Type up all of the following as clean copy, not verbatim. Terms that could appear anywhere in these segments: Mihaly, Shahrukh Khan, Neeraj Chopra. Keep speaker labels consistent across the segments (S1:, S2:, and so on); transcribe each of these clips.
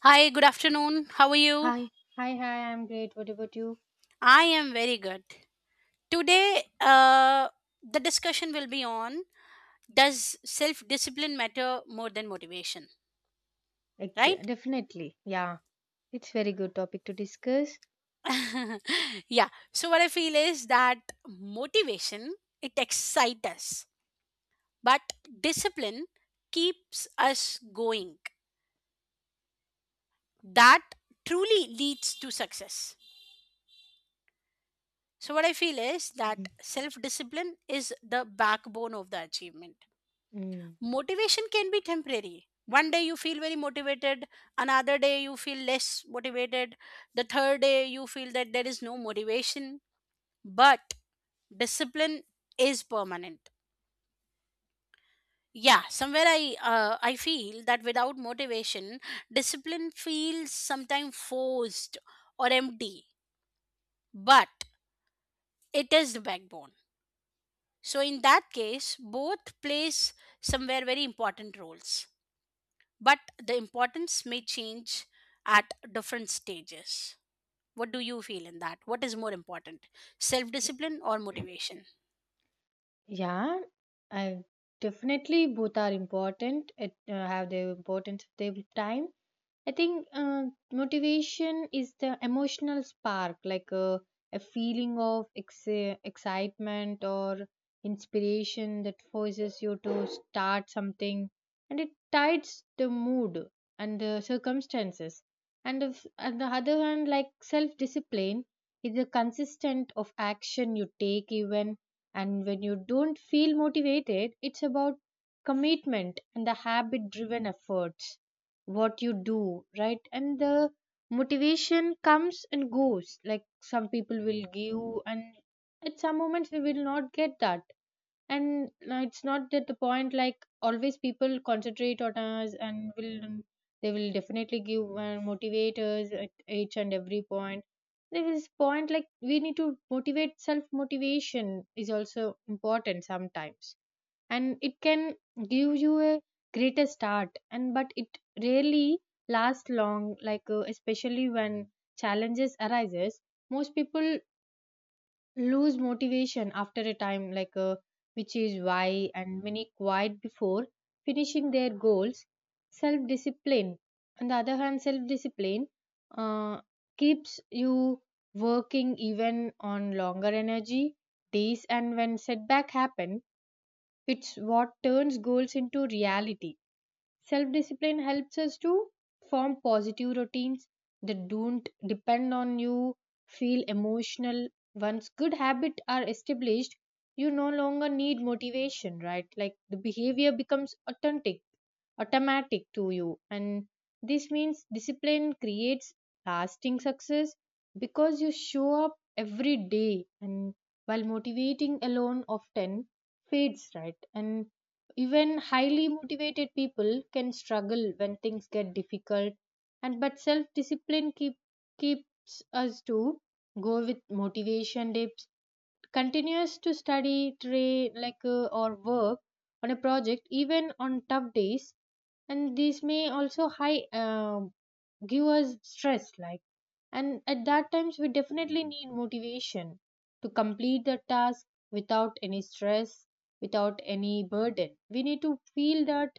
S1: Hi, good afternoon. How are you?
S2: Hi, hi. I'm great. What about you?
S1: I am very good. Today, the discussion will be on, does self discipline matter more than motivation, right?
S2: Definitely. Yeah, it's very good topic to discuss.
S1: Yeah. So, what I feel is that motivation, it excites us, but discipline keeps us going. That truly leads to success. So, what I feel is that
S2: Mhm.
S1: self discipline is the backbone of the achievement.
S2: Mm.
S1: Motivation can be temporary. One day you feel very motivated, another day you feel less motivated, the third day you feel that there is no motivation, but discipline is permanent. Yeah, somewhere I feel that without motivation, discipline feels sometimes forced or empty, but it is the backbone. So in that case both plays somewhere very important roles, but the importance may change at different stages. What do you feel in that? What is more important, self
S2: y-
S1: discipline or motivation?
S2: Yeah, I definitely both are important. It have their importance of their time. I think motivation is the emotional spark, like a feeling of excitement or inspiration that forces you to start something, and it tides the mood and the circumstances. And if, on the other hand, like self discipline is the consistent of action you take even and when you don't feel motivated. It's about commitment and the habit driven efforts what you do right, and the motivation comes and goes like some people will give, and at some moments we will not get that, and it's not at the point like always people concentrate on us and will they will definitely give motivate us at each and every point. There is point like we need to motivate, self motivation is also important sometimes, and it can give you a greater start, and but it rarely lasts long like especially when challenges arises. Most people lose motivation after a time like which is why and many quit before finishing their goals. Self discipline, on the other hand, self discipline uh, keeps you working even on longer energy days and when setback happen, it's what turns goals into reality. Self discipline helps us to form positive routines that don't depend on you feel emotional. Once good habits are established, you no longer need motivation, right? Like the behavior becomes authentic, automatic to you. And this means discipline creates lasting success because you show up every day, and while motivating alone often fades, right? And even highly motivated people can struggle when things get difficult, and but self discipline keeps us to go with motivation dips, continues to study, train, like or work on a project even on tough days, and these may also high give us stress. Like, and at that times we definitely need motivation to complete the task without any stress, without any burden. We need to feel that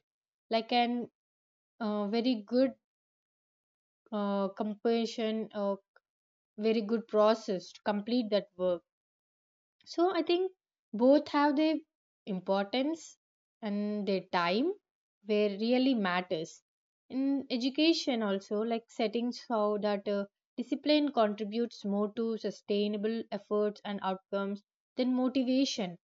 S2: like an very good compassion, very good process to complete that work. So I think both have their importance and their time where really matters. In education also, like settings how that discipline contributes more to sustainable efforts and outcomes than motivation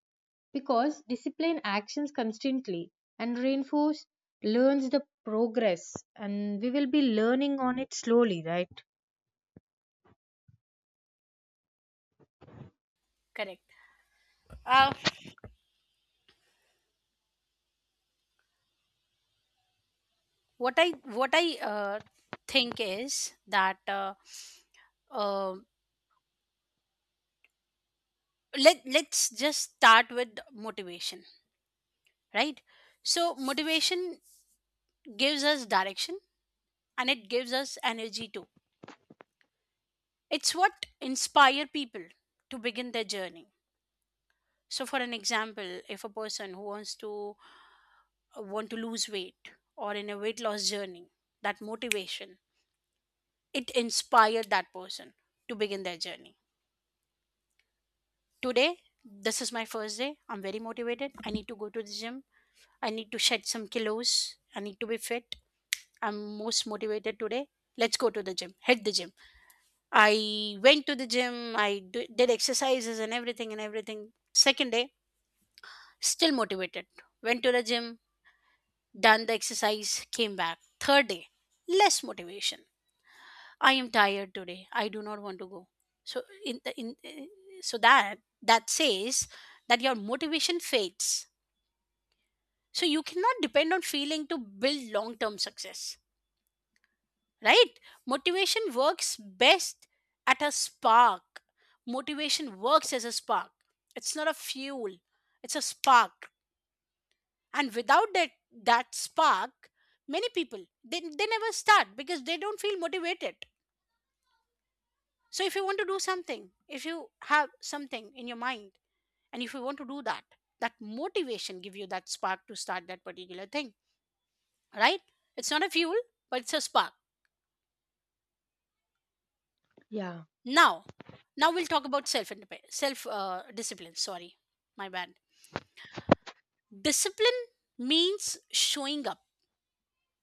S2: because discipline actions constantly and reinforce learns the progress, and we will be learning on it slowly, right?
S1: Correct. Uh, what I think is that, uh, let's just start with motivation, right? So motivation gives us direction and it gives us energy too. It's what inspire people to begin their journey. So, for an example, if a person who wants to, want to lose weight or in a weight loss journey, that motivation, it inspired that person to begin their journey. Today, this is my first day. I'm very motivated. I need to go to the gym. I need to shed some kilos. I need to be fit. I'm most motivated today. Let's go to the gym. Hit the gym. I went to the gym. Did exercises and everything and everything. Second day, still motivated. Went to the gym, done the exercise, came back. Third day, less motivation. I am tired today. I do not want to go. So in the in eh, so that that says that your motivation fades. So you cannot depend on feeling to build long term success, right? Motivation works best at a spark. Motivation works as a spark. It's not a fuel. It's a spark. And without that spark, many people they never start because they don't feel motivated. So if you want to do something, if you have something in your mind, and if you want to do that, that motivation give you that spark to start that particular thing, right? It's not a fuel, but it's a spark.
S2: Yeah.
S1: Now, we'll talk about self discipline. Sorry, my bad. Discipline means showing up.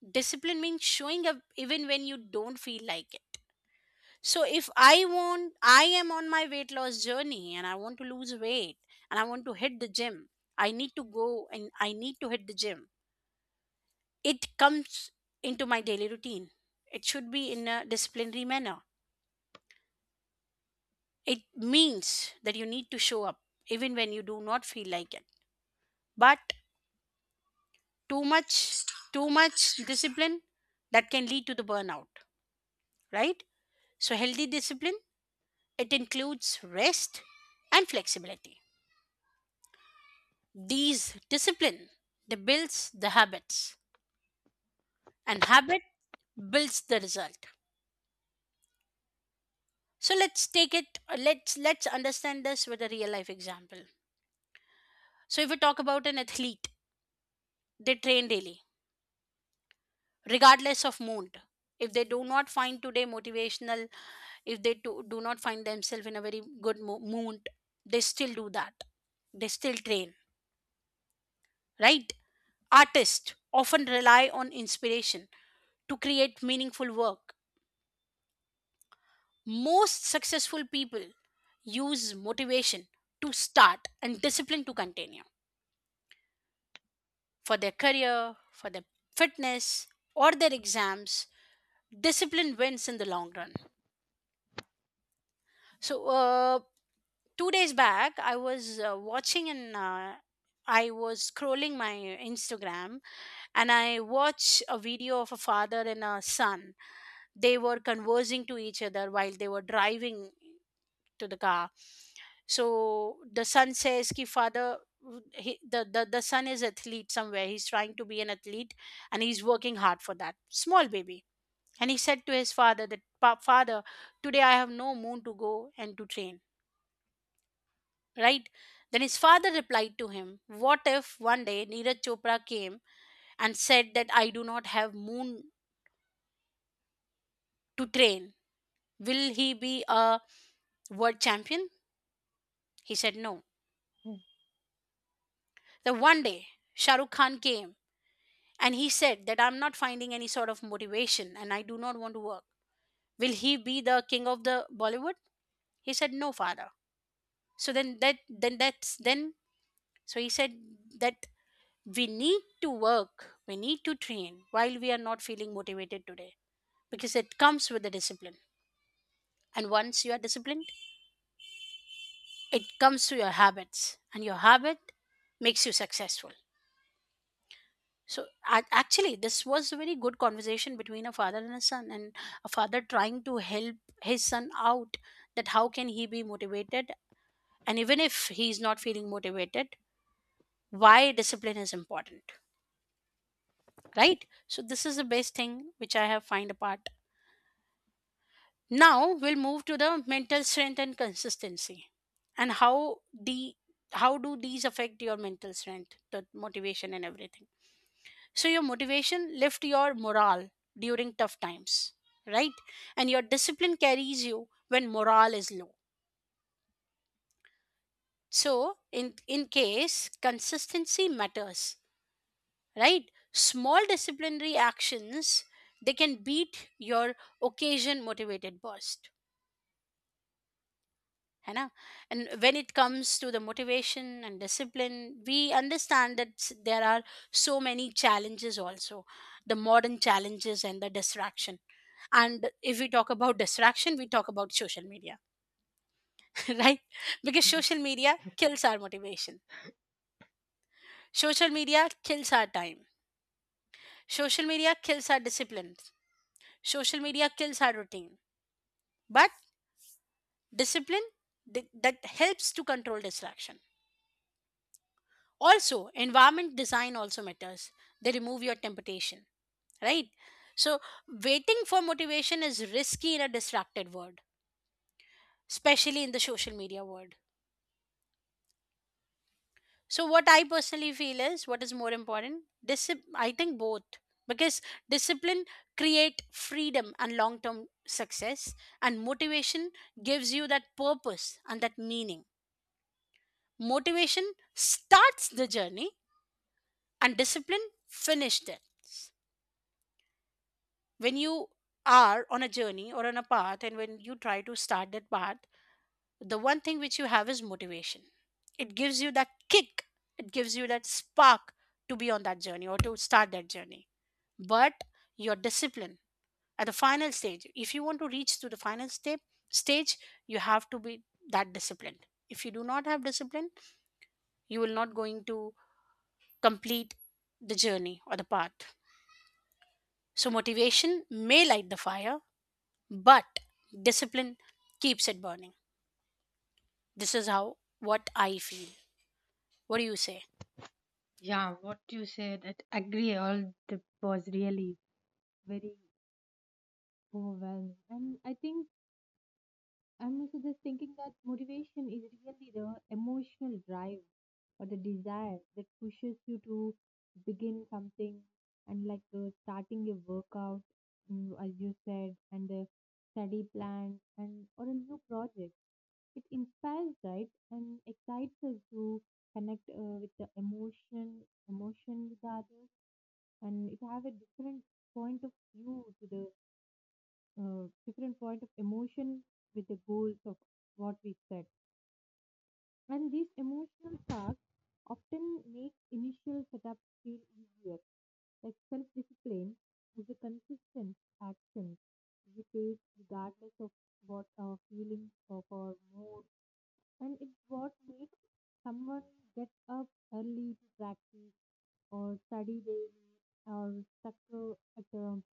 S1: Discipline means showing up even when you don't feel like it. So if I want, I am on my weight loss journey and I want to lose weight and I want to hit the gym, I need to go and I need to hit the gym. It comes into my daily routine. It should be in a disciplinary manner. It means that you need to show up even when you do not feel like it. But too much, too much discipline, that can lead to the burnout, right? So healthy discipline, it includes rest and flexibility. These discipline, they builds the habits, and habit builds the result. So let's take it. Let's understand this with a real life example. So if we talk about an athlete, they train daily, regardless of mood. If they do not find today motivational, if they do not find themselves in a very good mood, they still do that. They still train, right? Artists often rely on inspiration to create meaningful work. Most successful people use motivation to start and discipline to continue for their career, for their fitness, or their exams. Discipline wins in the long run. So, 2 days back, I was watching, and I was scrolling my Instagram and I watched a video of a father and a son. They were conversing to each other while they were driving to the car. So the son says ki father, he, the son is athlete, somewhere he's trying to be an athlete and he's working hard, for that small baby, and he said to his father that, Father, today I have no moon to go and to train, right?" Then his father replied to him, what if one day Neeraj Chopra came and said that I do not have moon to train, will he be a world champion? He said no.
S2: Mm.
S1: The one day Shahrukh Khan came, and he said that I'm not finding any sort of motivation and I do not want to work. Will he be the king of the Bollywood? He said, no, father. So then that then that's then so he said that we need to work, we need to train while we are not feeling motivated today. Because it comes with the discipline. And once you are disciplined, it comes to your habits. And your habit makes you successful. So actually, this was a very good conversation between a father and a son, and a father trying to help his son out, that how can he be motivated, and even if he's not feeling motivated, why discipline is important, right? So this is the best thing which I have find apart. Now we'll move to the mental strength and consistency, and how do these affect your mental strength, the motivation and everything. So your motivation lift your morale during tough times, right? And your discipline carries you when morale is low. So in case consistency matters, right? Small disciplinary actions, they can beat your occasion motivated burst. है ना? And when it comes to the motivation and discipline, we understand that, there are so many challenges also, the modern challenges and the distraction. And if we talk about distraction, we talk about social media. Right? Because social media kills our motivation, social media kills our time, social media kills our discipline, social media kills our routine. But discipline, that helps to control distraction. Also environment design also matters, they remove your temptation, right? So waiting for motivation is risky in a distracted world, especially in the social media world. So what I personally feel is, what is more important? I think both, because discipline create freedom and long term success, and motivation gives you that purpose and that meaning. Motivation starts the journey, and discipline finished it. When you are on a journey or on a path, and when you try to start that path, the one thing which you have is motivation. It gives you that kick, it gives you that spark to be on that journey or to start that journey. But your discipline at the final stage, if you want to reach to the final step stage, you have to be that disciplined. If you do not have discipline, you will not going to complete the journey or the path. So motivation may light the fire, but discipline keeps it burning. This is how what I feel. What do you say?
S2: Yeah, what you said, I agree. All that was really very overwhelming. And I think I'm also just thinking that motivation is really the emotional drive or the desire that pushes you to begin something, and like starting your workout, mm, as you said, and the study plan and or a new project. It inspires, right, and excites us to connect with the emotion, emotion with the others, and it have a different point of view to the different point of emotion with the goals of what we set. And these emotional tasks often make initial setup feel easier. Like self discipline is a consistent action we take regardless of what our feelings of our mood, and it's what makes someone get up early to practice or study daily or stuck at a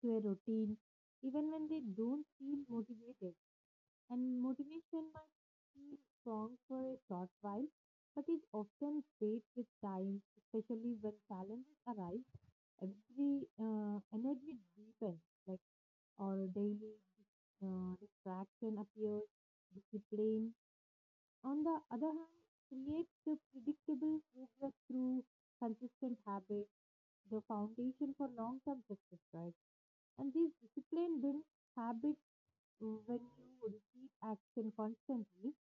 S2: to a routine, even when they don't feel motivated. And motivation might feel strong for a short while, but it often fades with time, especially when challenges arise. Every energy deepens, like our daily distraction appears, discipline. On the other hand, creates the predictable progress through consistent habits, the foundation for long-term success, right? And these discipline builds habits when you repeat action constantly,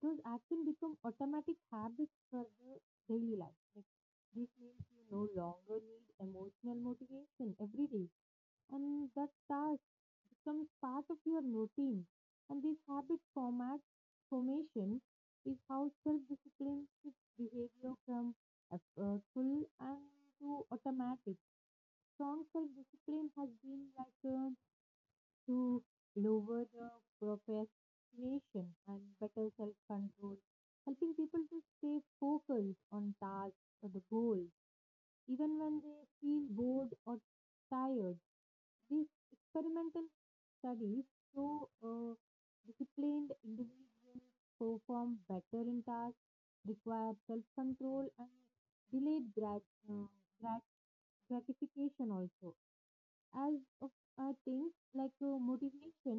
S2: those action become automatic habits for the daily life. Like, this means you no longer need emotional motivation every day, and that task becomes part of your routine. And this habit format formation is how self-discipline shifts behavior from effortful and to automatic. Strong self-discipline has been like a to lower the procrastination and better self control, helping people to stay focused on tasks or the goals. Even when they feel bored or tired, these experimental studies show disciplined individuals perform better in tasks, require self control, and delayed grat- gratification also as of things like motivation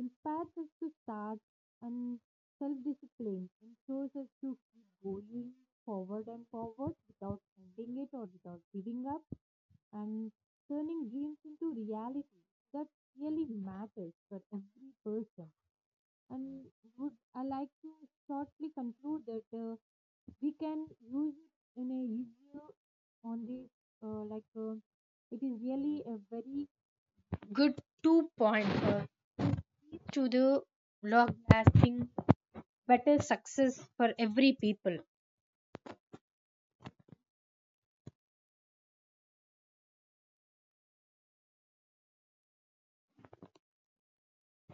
S2: inspires us to start, and self-discipline ensures us to keep going forward and forward without ending it or without giving up, and turning dreams into reality that really matters for every person. And would I like to shortly conclude that we can use it in a easier on this like it is really a very good two pointer to the long lasting better success for every people.